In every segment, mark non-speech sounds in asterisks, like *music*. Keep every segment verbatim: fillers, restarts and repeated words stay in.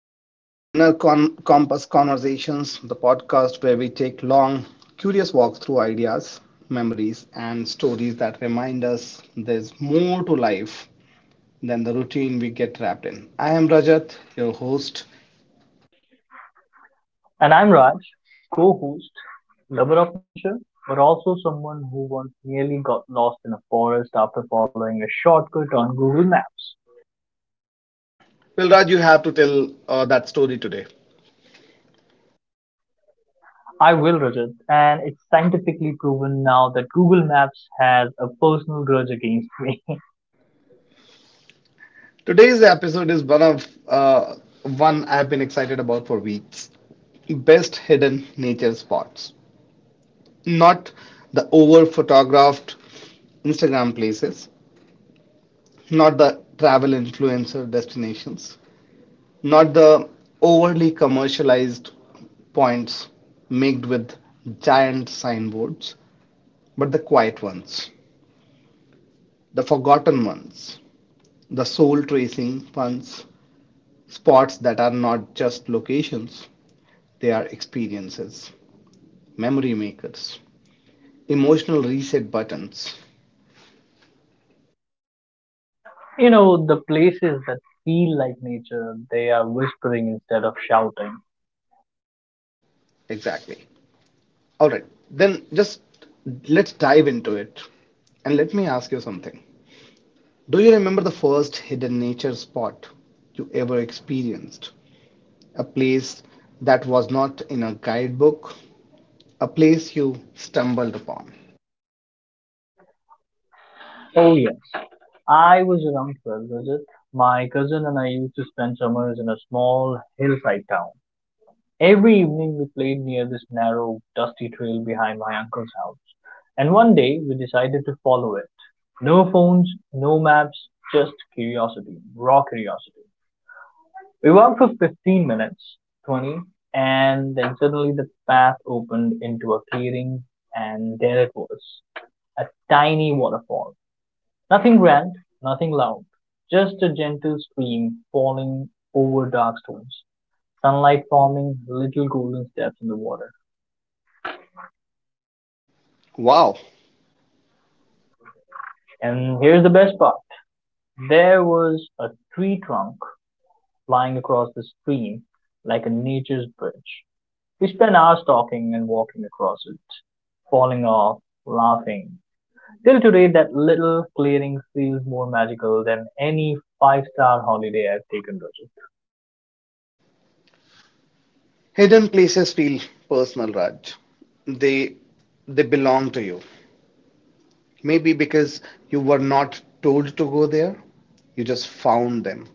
Welcome back to Inner Con- Compass Conversations, the podcast where we take long, curious walks through ideas, memories, and stories that remind us there's more to life than the routine we get trapped in. I am Rajat, your host. And I'm Raj, co host, lover of nature, but also someone who once nearly got lost in a forest after following a shortcut on Google Maps. Well, Raj, you have to tell uh, that story today. I will, Rajat, and it's scientifically proven now that Google Maps has a personal grudge against me. *laughs* Today's episode is one of uh, one I've been excited about for weeks best hidden nature spots. Not the over photographed Instagram places, not the travel influencer destinations, not the overly commercialized points made with giant signboards, but the quiet ones, the forgotten ones, the soul tracing ones, spots that are not just locations, they are experiences, memory makers, emotional reset buttons. You know, the places that feel like nature, they are whispering instead of shouting. Exactly. All right, then just let's dive into it. And let me ask you something. Do you remember the first hidden nature spot you ever experienced? A place that was not in a guidebook, a place you stumbled upon. Oh, yes. I was around twelve, Rajat. My cousin and I used to spend summers in a small hillside town. Every evening we played near this narrow, dusty trail behind my uncle's house, and one day we decided to follow it. No phones, no maps, just curiosity, raw curiosity. We walked for fifteen minutes, twenty, and then suddenly the path opened into a clearing, and there it was a tiny waterfall. Nothing grand, nothing loud, just a gentle stream falling over dark stones, sunlight forming little golden steps in the water. Wow, And here's the best part. There was a tree trunk lying across the stream like a nature's bridge. We spent hours talking and walking across it, falling off, laughing. Till today, that little clearing feels more magical than any five star holiday I've taken, Rajat. hidden places feel personal, Raj. They they belong to you. Maybe because you were not told to go there, you just found them.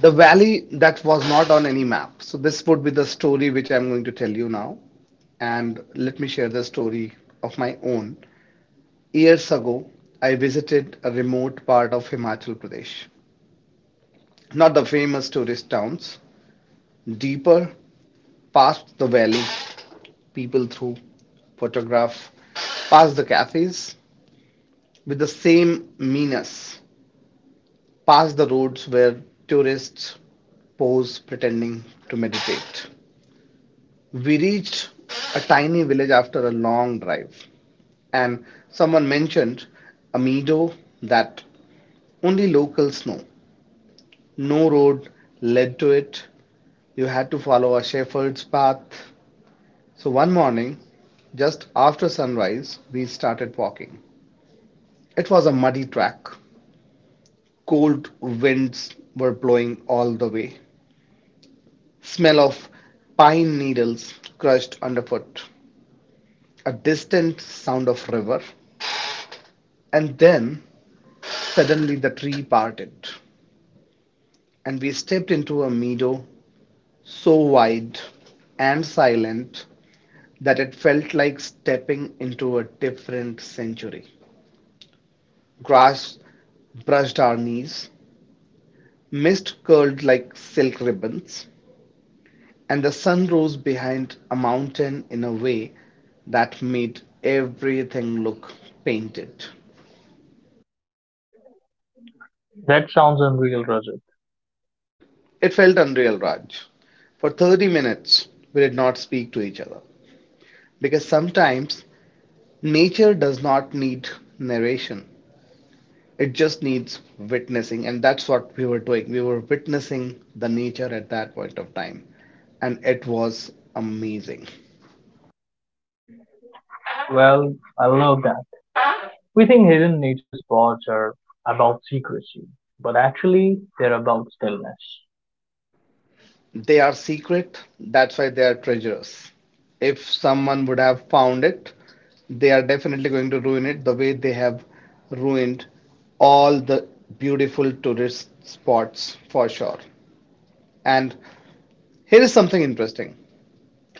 The valley that was not on any map. So this would be the story which I'm going to tell you now, and let me share the story of my own. Years ago, I visited a remote part of Himachal Pradesh. Not the famous tourist towns, deeper past the valley, people through, photograph, past the cafes with the same meanness, past the roads where tourists pose pretending to meditate. We reached a tiny village after a long drive, and someone mentioned a meadow that only locals know. No road led to it. You had to follow a shepherd's path. So one morning, just after sunrise, we started walking. It was a muddy track. Cold winds were blowing all the way. Smell of pine needles crushed underfoot. A distant sound of river. And then suddenly the tree parted and we stepped into a meadow so wide and silent that it felt like stepping into a different century. Grass brushed our knees, mist curled like silk ribbons, and the sun rose behind a mountain in a way that made everything look painted. That sounds unreal, Rajat. It felt unreal, Raj. For thirty minutes, we did not speak to each other because sometimes nature does not need narration. It just needs witnessing, and that's what we were doing. We were witnessing the nature at that point of time, and it was amazing. Well, I love that. We think hidden nature spots are about secrecy, but actually, they're about stillness. They are secret, that's why they are treasures. If someone would have found it, they are definitely going to ruin it the way they have ruined all the beautiful tourist spots for sure. And here is something interesting.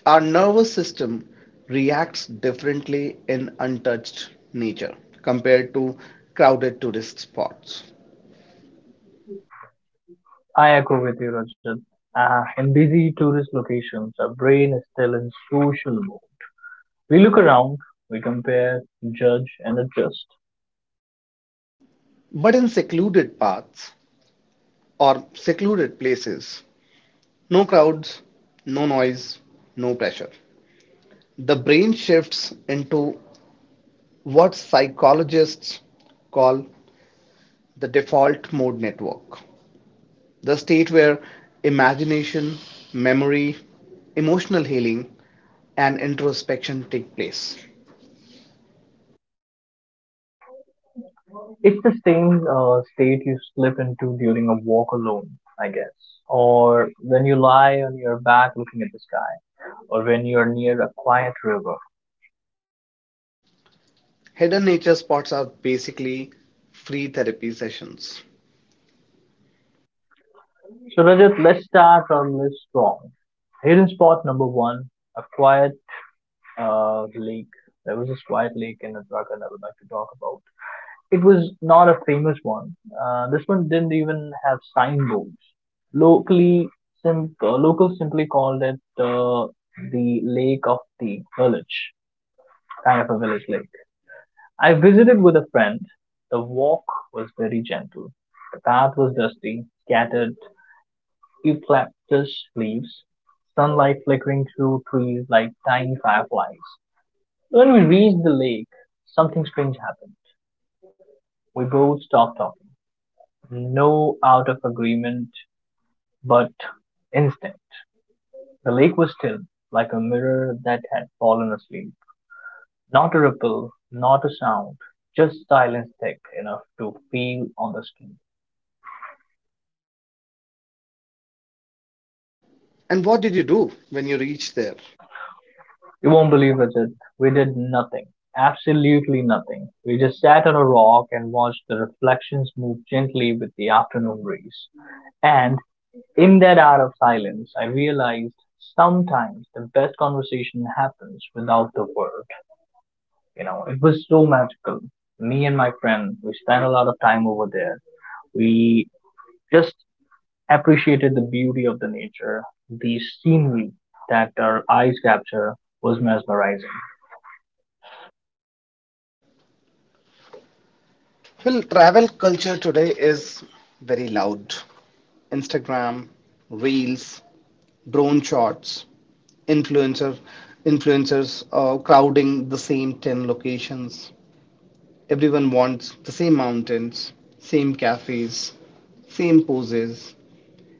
Our nervous system reacts differently in untouched nature compared to crowded tourist spots. I agree with you, Rajat. Uh, in busy tourist locations, our brain is still in social mode. We look around, we compare, judge, and adjust. But in secluded paths or secluded places, no crowds, no noise, no pressure. The brain shifts into what psychologists call the default mode network, the state where imagination, memory, emotional healing, and introspection take place. It's the same uh, state you slip into during a walk alone, I guess, or when you lie on your back looking at the sky, or when you're near a quiet river. Hidden nature spots are basically free therapy sessions. So, Rajat, let's start our list strong. Hidden spot number one, a quiet uh, lake. There was this quiet lake in Uttarakhand I would like to talk about. It was not a famous one. Uh, this one didn't even have signboards. Locally, sim- uh, locals simply called it uh, the Lake of the Village, kind of a village lake. I visited with a friend. The walk was very gentle. The path was dusty, scattered eucalyptus leaves, sunlight flickering through trees like tiny fireflies. When we reached the lake, something strange happened. We both stopped talking. No out of agreement, but instinct. The lake was still, like a mirror that had fallen asleep. Not a ripple, not a sound, just silence thick enough to feel on the skin. And what did you do when you reached there? You won't believe it, Ajit, we did nothing. Absolutely nothing. We just sat on a rock and watched the reflections move gently with the afternoon breeze. And in that hour of silence, I realized sometimes the best conversation happens without the words. You know, it was so magical. Me and my friend, we spent a lot of time over there. We just appreciated the beauty of the nature. The scenery that our eyes capture was mesmerizing. Well, travel culture today is very loud. Instagram, reels, drone shots, influencer, influencers uh, crowding the same ten locations. Everyone wants the same mountains, same cafes, same poses,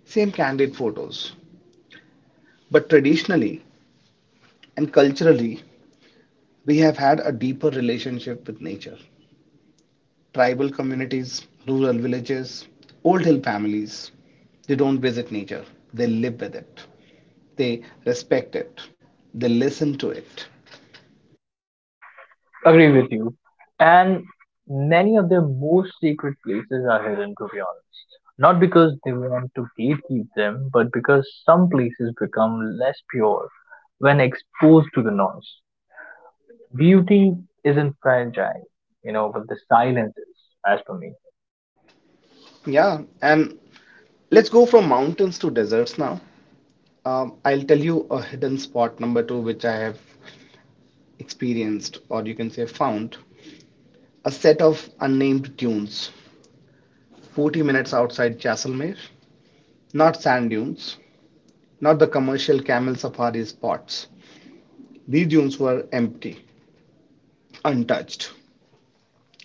same candid photos. But traditionally and culturally, we have had a deeper relationship with nature. Tribal communities, rural villages, old hill families, they don't visit nature, they live with it, they respect it, they listen to it. Agree with you. And many of their most secret places are hidden, to be honest. Not because they want to gatekeep them, but because some places become less pure when exposed to the noise. Beauty isn't fragile, you know, but the silence is, as per me. Yeah, and let's go from mountains to deserts now. Um, I'll tell you a hidden spot number two, which I have experienced, or you can say found, a set of unnamed dunes, forty minutes outside Jaisalmer. Not sand dunes, not the commercial camel safari spots. These dunes were empty, untouched.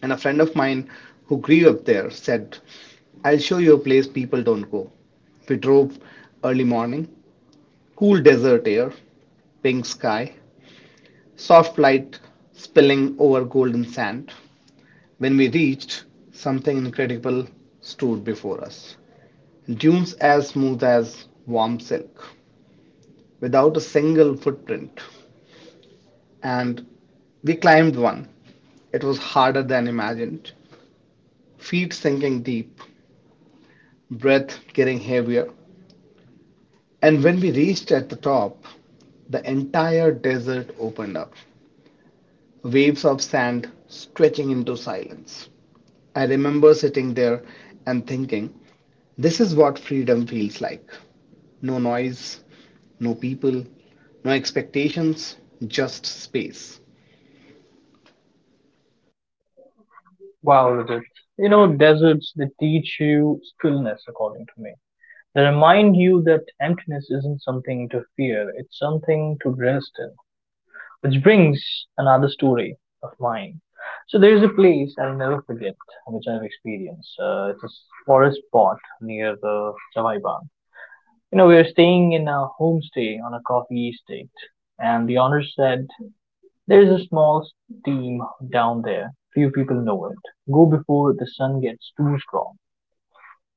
And a friend of mine who grew up there said, I'll show you a place people don't go. We drove early morning, cool desert air, pink sky, soft light spilling over golden sand. When we reached, something incredible stood before us. Dunes as smooth as warm silk, without a single footprint. And we climbed one. It was harder than imagined, feet sinking deep, breath getting heavier. And when we reached at the top, the entire desert opened up, waves of sand stretching into silence. I remember sitting there and thinking, this is what freedom feels like. No noise, no people, no expectations, just space. Wow, Rajat. You know, deserts, they teach you stillness, according to me. They remind you that emptiness isn't something to fear, it's something to rest in. Which brings another story of mine. So there's a place I'll never forget, which I've experienced. Uh, it's a forest spot near the Chawai Bagh. You know, we were staying in a homestay on a coffee estate, and the owner said there's a small steam down there. Few people know it. Go before the sun gets too strong.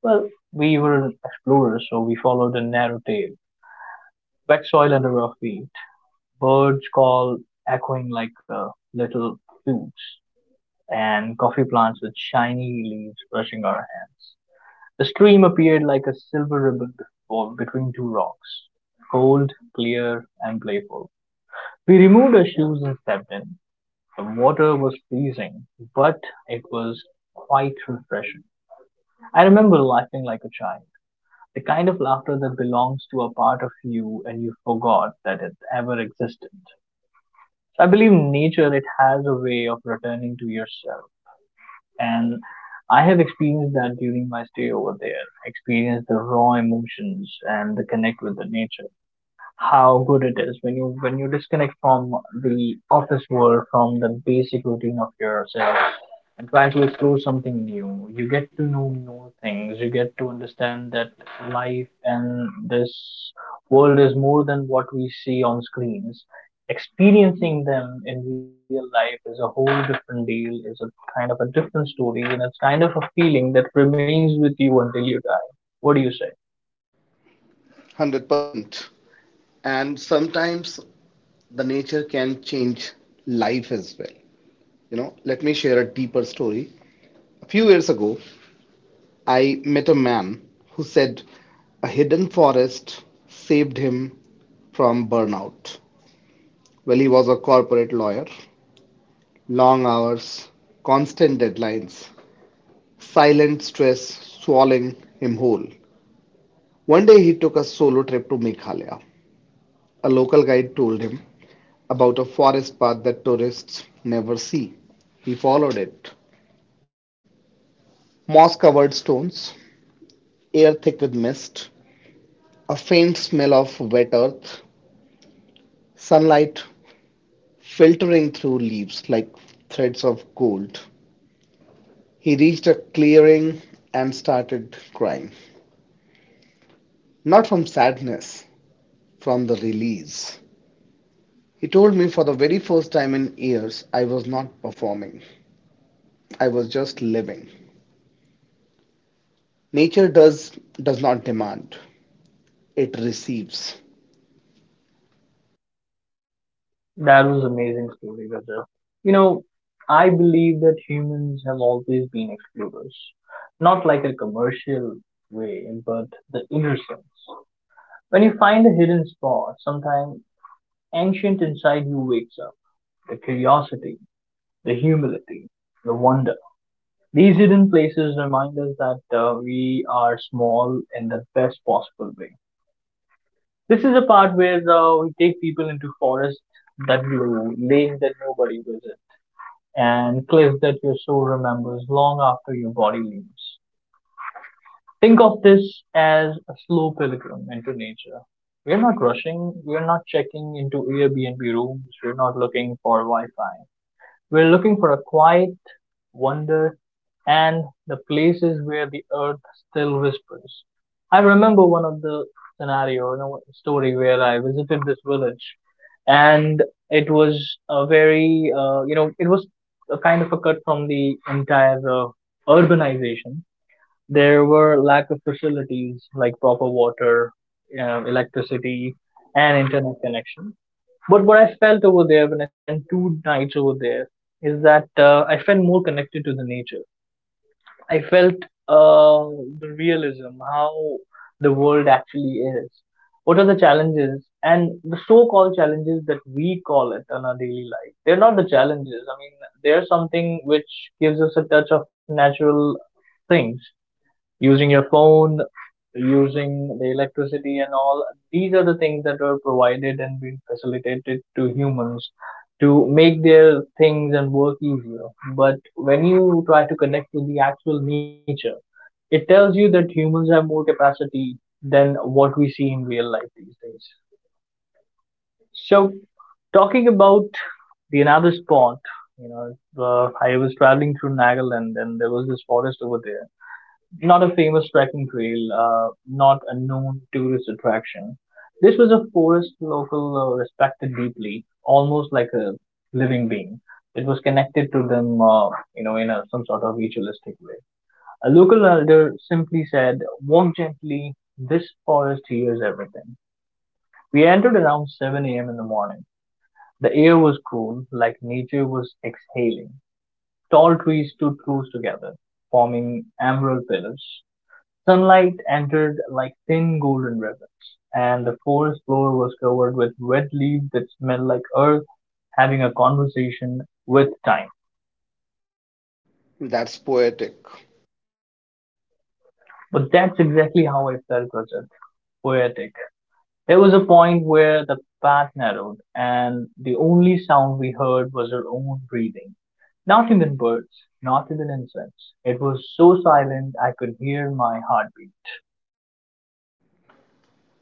Well, we were explorers, so we followed a narrow trail. Wet soil under our feet. Birds call echoing like uh, little flutes. And coffee plants with shiny leaves brushing our hands. The stream appeared like a silver ribbon before, between two rocks. Cold, clear, and playful. We removed our shoes and stepped in. The water was freezing, but it was quite refreshing. I remember laughing like a child, the kind of laughter that belongs to a part of you and you forgot that it ever existed. So I believe in nature it has a way of returning to yourself, and I have experienced that during my stay over there. I experienced the raw emotions and the connect with the nature. How good it is when you when you disconnect from the office world, from the basic routine of yourself, and try to explore something new. You get to know more things. You get to understand that life and this world is more than what we see on screens. Experiencing them in real life is a whole different deal. Is a kind of a different story, and it's kind of a feeling that remains with you until you die. What do you say? one hundred percent. And sometimes the nature can change life as well. You know, let me share a deeper story. A few years ago, I met a man who said a hidden forest saved him from burnout. Well, he was a corporate lawyer, long hours, constant deadlines, silent stress swallowing him whole. One day he took a solo trip to Meghalaya. A local guide told him about a forest path that tourists never see. He followed it. Moss covered stones, air thick with mist, a faint smell of wet earth, sunlight filtering through leaves like threads of gold. He reached a clearing and started crying. Not from sadness, from the release. He told me for the very first time in years I was not performing. I was just living. Nature does does not demand. It receives. That was amazing story, Rajat. You know, I believe that humans have always been explorers, not like a commercial way, but the inner sense. When you find a hidden spot, sometimes ancient inside you wakes up. The curiosity, the humility, the wonder. These hidden places remind us that uh, we are small in the best possible way. This is the part where uh, we take people into forests that you lane that nobody visits and cliff that your soul remembers long after your body leaves. Think of this as a slow pilgrim into nature. We're not rushing, we're not checking into Airbnb rooms, we're not looking for Wi Fi. We're looking for a quiet wonder and the places where the earth still whispers. I remember one of the scenario, you know, story where I visited this village, and it was a very, uh, you know, it was a kind of a cut from the entire uh, urbanization. There were lack of facilities like proper water, you know, electricity, and internet connection but what I felt over there when I spent two nights over there is that uh, I felt more connected to the nature. I felt uh, the realism, how the world actually is. What are the challenges and the so-called challenges that we call it in our daily life? They're not the challenges. I mean, they're something which gives us a touch of natural things using your phone, using the electricity and all. These are the things that were provided and been facilitated to humans to make their things and work easier. But when you try to connect with the actual nature, it tells you that humans have more capacity than what we see in real life these days. So, talking about the another spot, you know, uh, I was traveling through Nagaland and there was this forest over there not a famous trekking trail, uh, not a known tourist attraction. This was a forest local uh, respected deeply, almost like a living being. It was connected to them, uh, you know, in a, some sort of ritualistic way. A local elder simply said, "Walk gently. This forest hears everything." We entered around seven a m in the morning. The air was cool, like nature was exhaling. Tall trees stood close together, forming emerald pillars. Sunlight entered like thin golden ribbons, and the forest floor was covered with wet leaves that smelled like earth having a conversation with time. That's poetic. But that's exactly how I felt, Rajat. Poetic. There was a point where the path narrowed, and the only sound we heard was our own breathing. Not even birds, not even insects. It was so silent I could hear my heartbeat.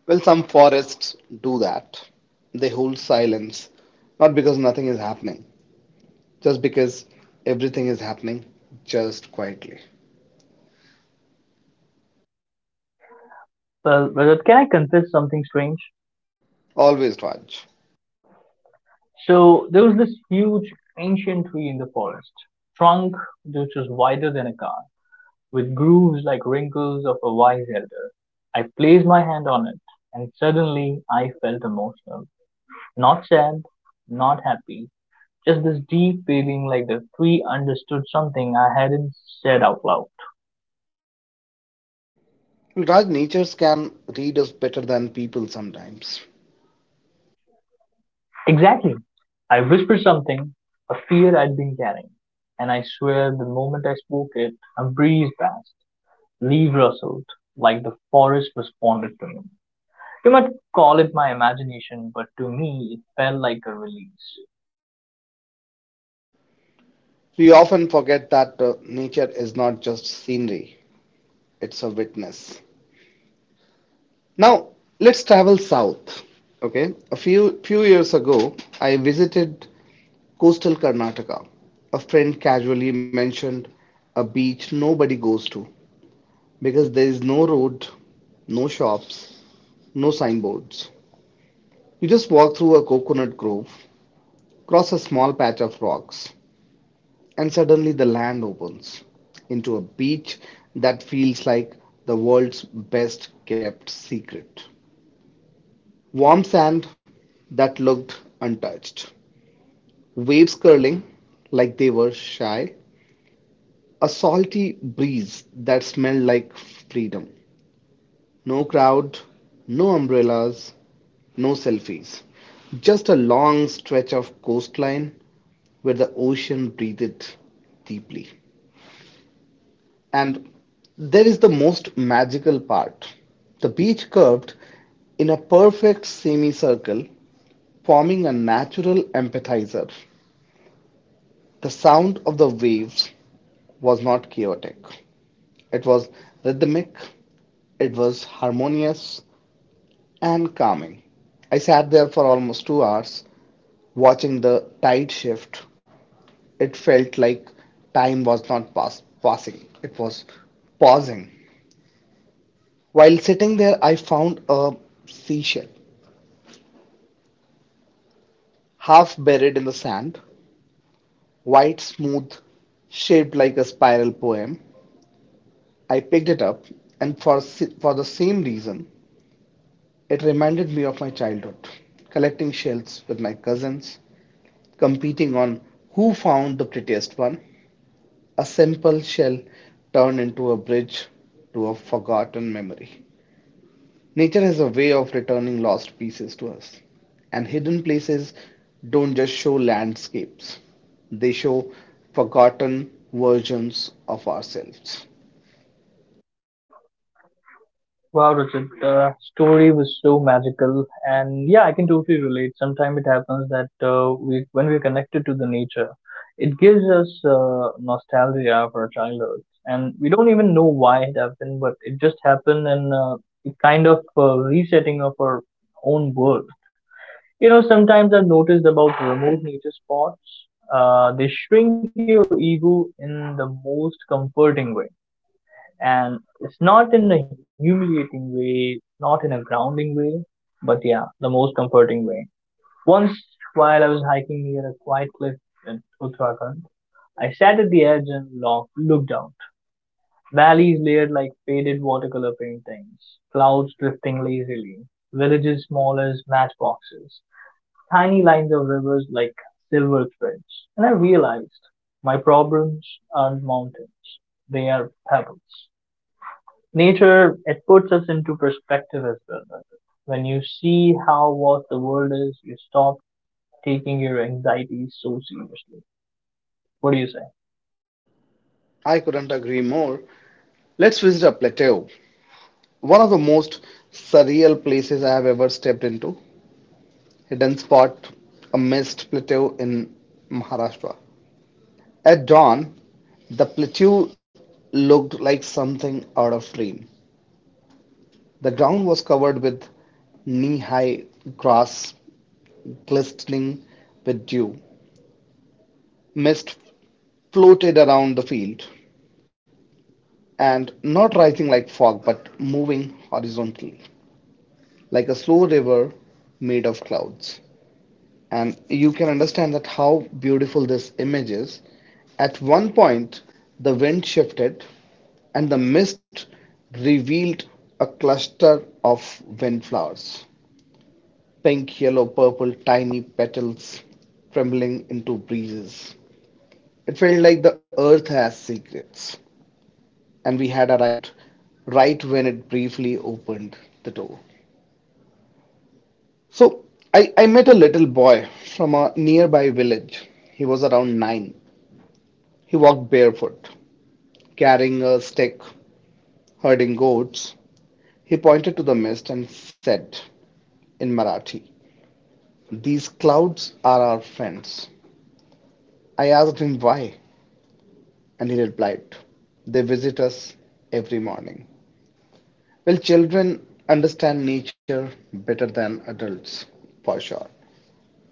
Well, some forests do that. They hold silence, not because nothing is happening, just because everything is happening just quietly. Well, Rajat, can I confess something strange? Always Raj. So there was this huge ancient tree in the forest, trunk which was wider than a car, with grooves like wrinkles of a wise elder. I placed my hand on it, and suddenly I felt emotional. Not sad, not happy, just this deep feeling like the tree understood something I hadn't said out loud. Well, Raj, natures can read us better than people sometimes. Exactly. I whispered something, a fear I'd been carrying, and I swear the moment I spoke it, a breeze passed. Leave rustled, like the forest responded to me. You might call it my imagination, but to me it felt like a release. We often forget that uh, nature is not just scenery, it's a witness. Now, let's travel south. Okay, a few few years ago, I visited coastal Karnataka. A friend casually mentioned a beach nobody goes to because there is no road, no shops, no signboards. You just walk through a coconut grove, cross a small patch of rocks, and suddenly the land opens into a beach that feels like the world's best kept secret. Warm sand that looked untouched, waves curling like they were shy, a salty breeze that smelled like freedom. No crowd, no umbrellas, no selfies. Just a long stretch of coastline where the ocean breathed deeply. And there is the most magical part. The beach curved in a perfect semicircle, forming a natural appetizer. The sound of the waves was not chaotic. It was rhythmic, it was harmonious and calming. I sat there for almost two hours watching the tide shift. It felt like time was not pass- passing, it was pausing. While sitting there, I found a seashell, half buried in the sand, white, smooth, shaped like a spiral poem. I picked it up, and for, si- for the same reason, it reminded me of my childhood, collecting shells with my cousins, competing on who found the prettiest one. A simple shell turned into a bridge to a forgotten memory. Nature has a way of returning lost pieces to us, and hidden places don't just show landscapes, they show forgotten versions of ourselves. Wow, Richard, the story was so magical, and yeah, I can totally relate. Sometimes it happens that uh, we, when we're connected to the nature, it gives us uh, nostalgia for our childhood, and we don't even know why it happened, but it just happened, and uh, it kind of uh, resetting of our own world. You know, sometimes I've noticed about remote nature spots, uh, they shrink your ego in the most comforting way. And it's not in a humiliating way, not in a grounding way, but yeah, the most comforting way. Once, while I was hiking near a quiet cliff in Uttarakhand, I sat at the edge and lo- looked out. Valleys layered like faded watercolor paintings, clouds drifting lazily, villages small as matchboxes tiny lines of rivers like silver threads, and I realized my problems aren't mountains, they are pebbles. Nature, it puts us into perspective as well. When you see how vast the world is, you stop taking your anxieties so seriously. What do you say? I couldn't agree more. Let's visit a plateau, one of the most surreal places I have ever stepped into. Hidden spot, a mist plateau in Maharashtra. At dawn, the plateau looked like something out of dream. The ground was covered with knee-high grass glistening with dew. Mist floated around the field, and not rising like fog, but moving horizontally, like a slow river made of clouds. And you can understand that how beautiful this image is. At one point, the wind shifted, and the mist revealed a cluster of windflowers. Pink, yellow, purple, tiny petals trembling into breezes. It felt like the earth has secrets, and we had arrived right when it briefly opened the door. So I, I met a little boy from a nearby village. He was around nine. He walked barefoot, carrying a stick, herding goats. He pointed to the mist and said in Marathi, these clouds are our friends. I asked him why. And he replied, they visit us every morning. Well, children understand nature better than adults, for sure,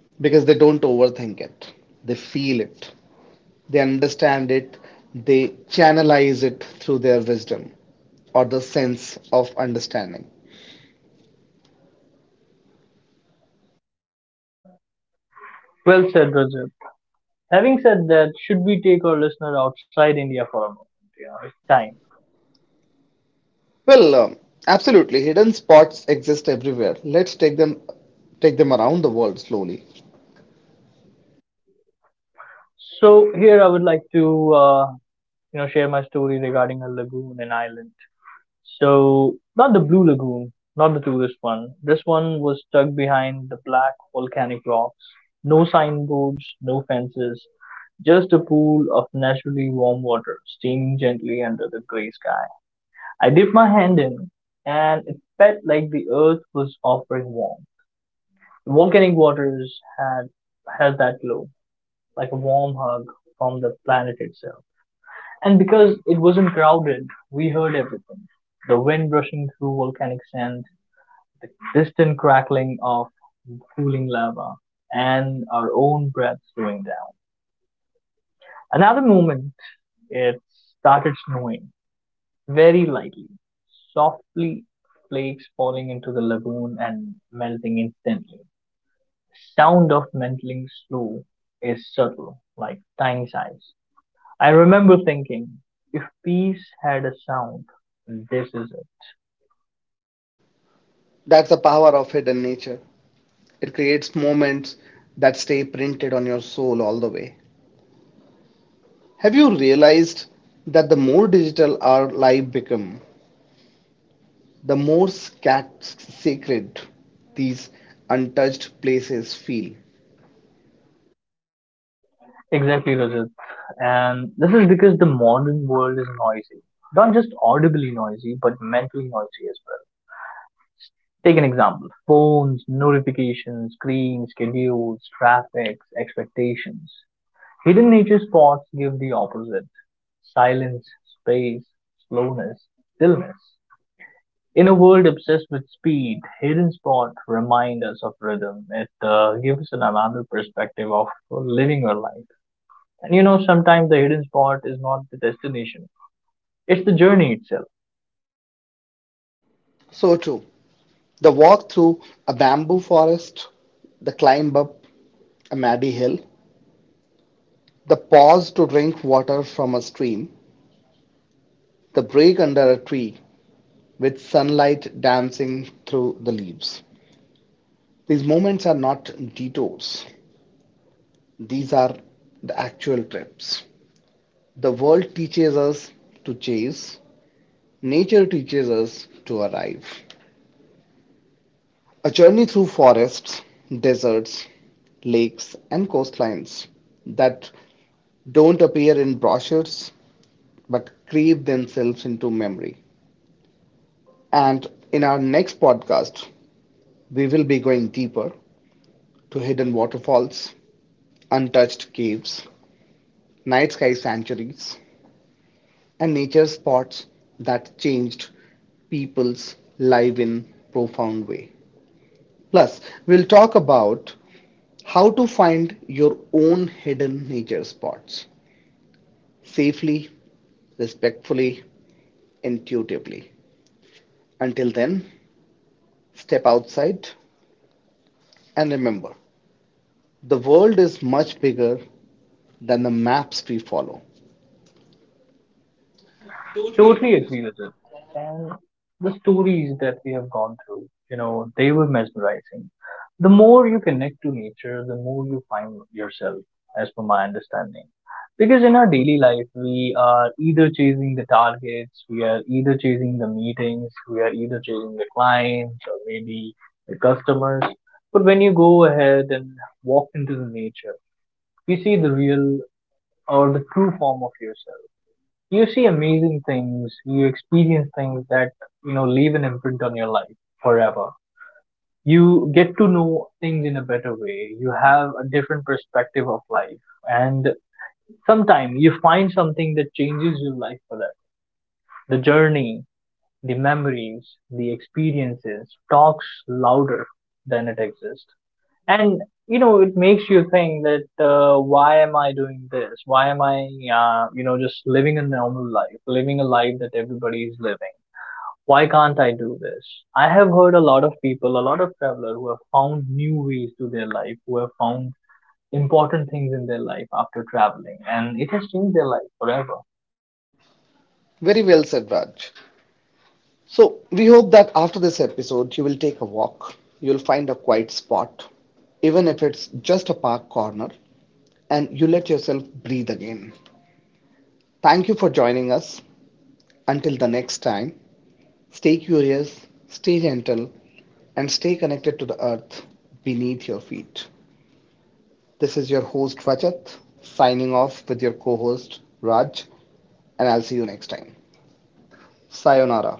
because they don't overthink it. They feel it, they understand it, they channelize it through their wisdom or the sense of understanding. Well said, Rajat. Having said that, should we take our listener outside India for a moment? You know, it's time. Well, um, absolutely, hidden spots exist everywhere. Let's take them take them around the world slowly. So here I would like to, uh, you know, share my story regarding a lagoon and island. So, not the Blue Lagoon, not the tourist one. This one was tucked behind the black volcanic rocks. No signboards, no fences, just a pool of naturally warm water steaming gently under the gray sky. I dipped my hand in, and it felt like the earth was offering warmth. The volcanic waters had has that glow, like a warm hug from the planet itself. And because it wasn't crowded, we heard everything the wind rushing through volcanic sand, the distant crackling of cooling lava, and our own breath slowing down. Another moment, it started snowing very lightly, softly, flakes falling into the lagoon and melting instantly. The sound of melting snow is subtle, like tiny sighs. I remember thinking, if peace had a sound, this is it. That's the power of hidden nature. It creates moments that stay printed on your soul all the way. Have you realized that the more digital our life become, the more scat- sacred these untouched places feel? Exactly, Rajat. And this is because the modern world is noisy. Not just audibly noisy, but mentally noisy as well. Take an example phones, notifications, screens, schedules, traffic, expectations. Hidden nature spots give the opposite silence, space, slowness, stillness. In a world obsessed with speed, Hidden Spot reminds us of rhythm. It uh, gives us another perspective of living our life. And you know, sometimes the hidden spot is not the destination; it's the journey itself. So too, the walk through a bamboo forest, the climb up a muddy hill, the pause to drink water from a stream, the break under a tree with sunlight dancing through the leaves. These moments are not detours. These are the actual trips. The world teaches us to chase, nature teaches us to arrive. A journey through forests, deserts, lakes, and coastlines that don't appear in brochures but crave themselves into memory. And in our next podcast, we will be going deeper to hidden waterfalls, untouched caves, night sky sanctuaries, and nature spots that changed people's life in profound way. Plus, we'll talk about how to find your own hidden nature spots safely, respectfully, intuitively. Until then, step outside and remember the world is much bigger than the maps we follow. Totally agree with it. And the stories that we have gone through, you know, they were mesmerizing. The more you connect to nature, the more you find yourself, as per my understanding. Because in our daily life, we are either chasing the targets, we are either chasing the meetings, we are either chasing the clients or maybe the customers. But when you go ahead and walk into the nature, you see the real or the true form of yourself. You see amazing things. You experience things that, you know, leave an imprint on your life forever. You get to know things in a better way. You have a different perspective of life, and sometime you find something that changes your life forever. The journey, the memories, the experiences talks louder than it exists. And you know, it makes you think that, uh, why am I doing this? Why am I, uh, you know, just living a normal life, living a life that everybody is living? Why can't I do this? I have heard a lot of people, a lot of travelers who have found new ways to their life, who have found important things in their life after traveling, and it has changed their life forever. Very well said, Raj. So, we hope that after this episode, you will take a walk, you'll find a quiet spot, even if it's just a park corner, and you let yourself breathe again. Thank you for joining us. Until the next time, stay curious, stay gentle, and stay connected to the earth beneath your feet. This is your host Rajat, signing off with your co host Raj, and I'll see you next time. Sayonara.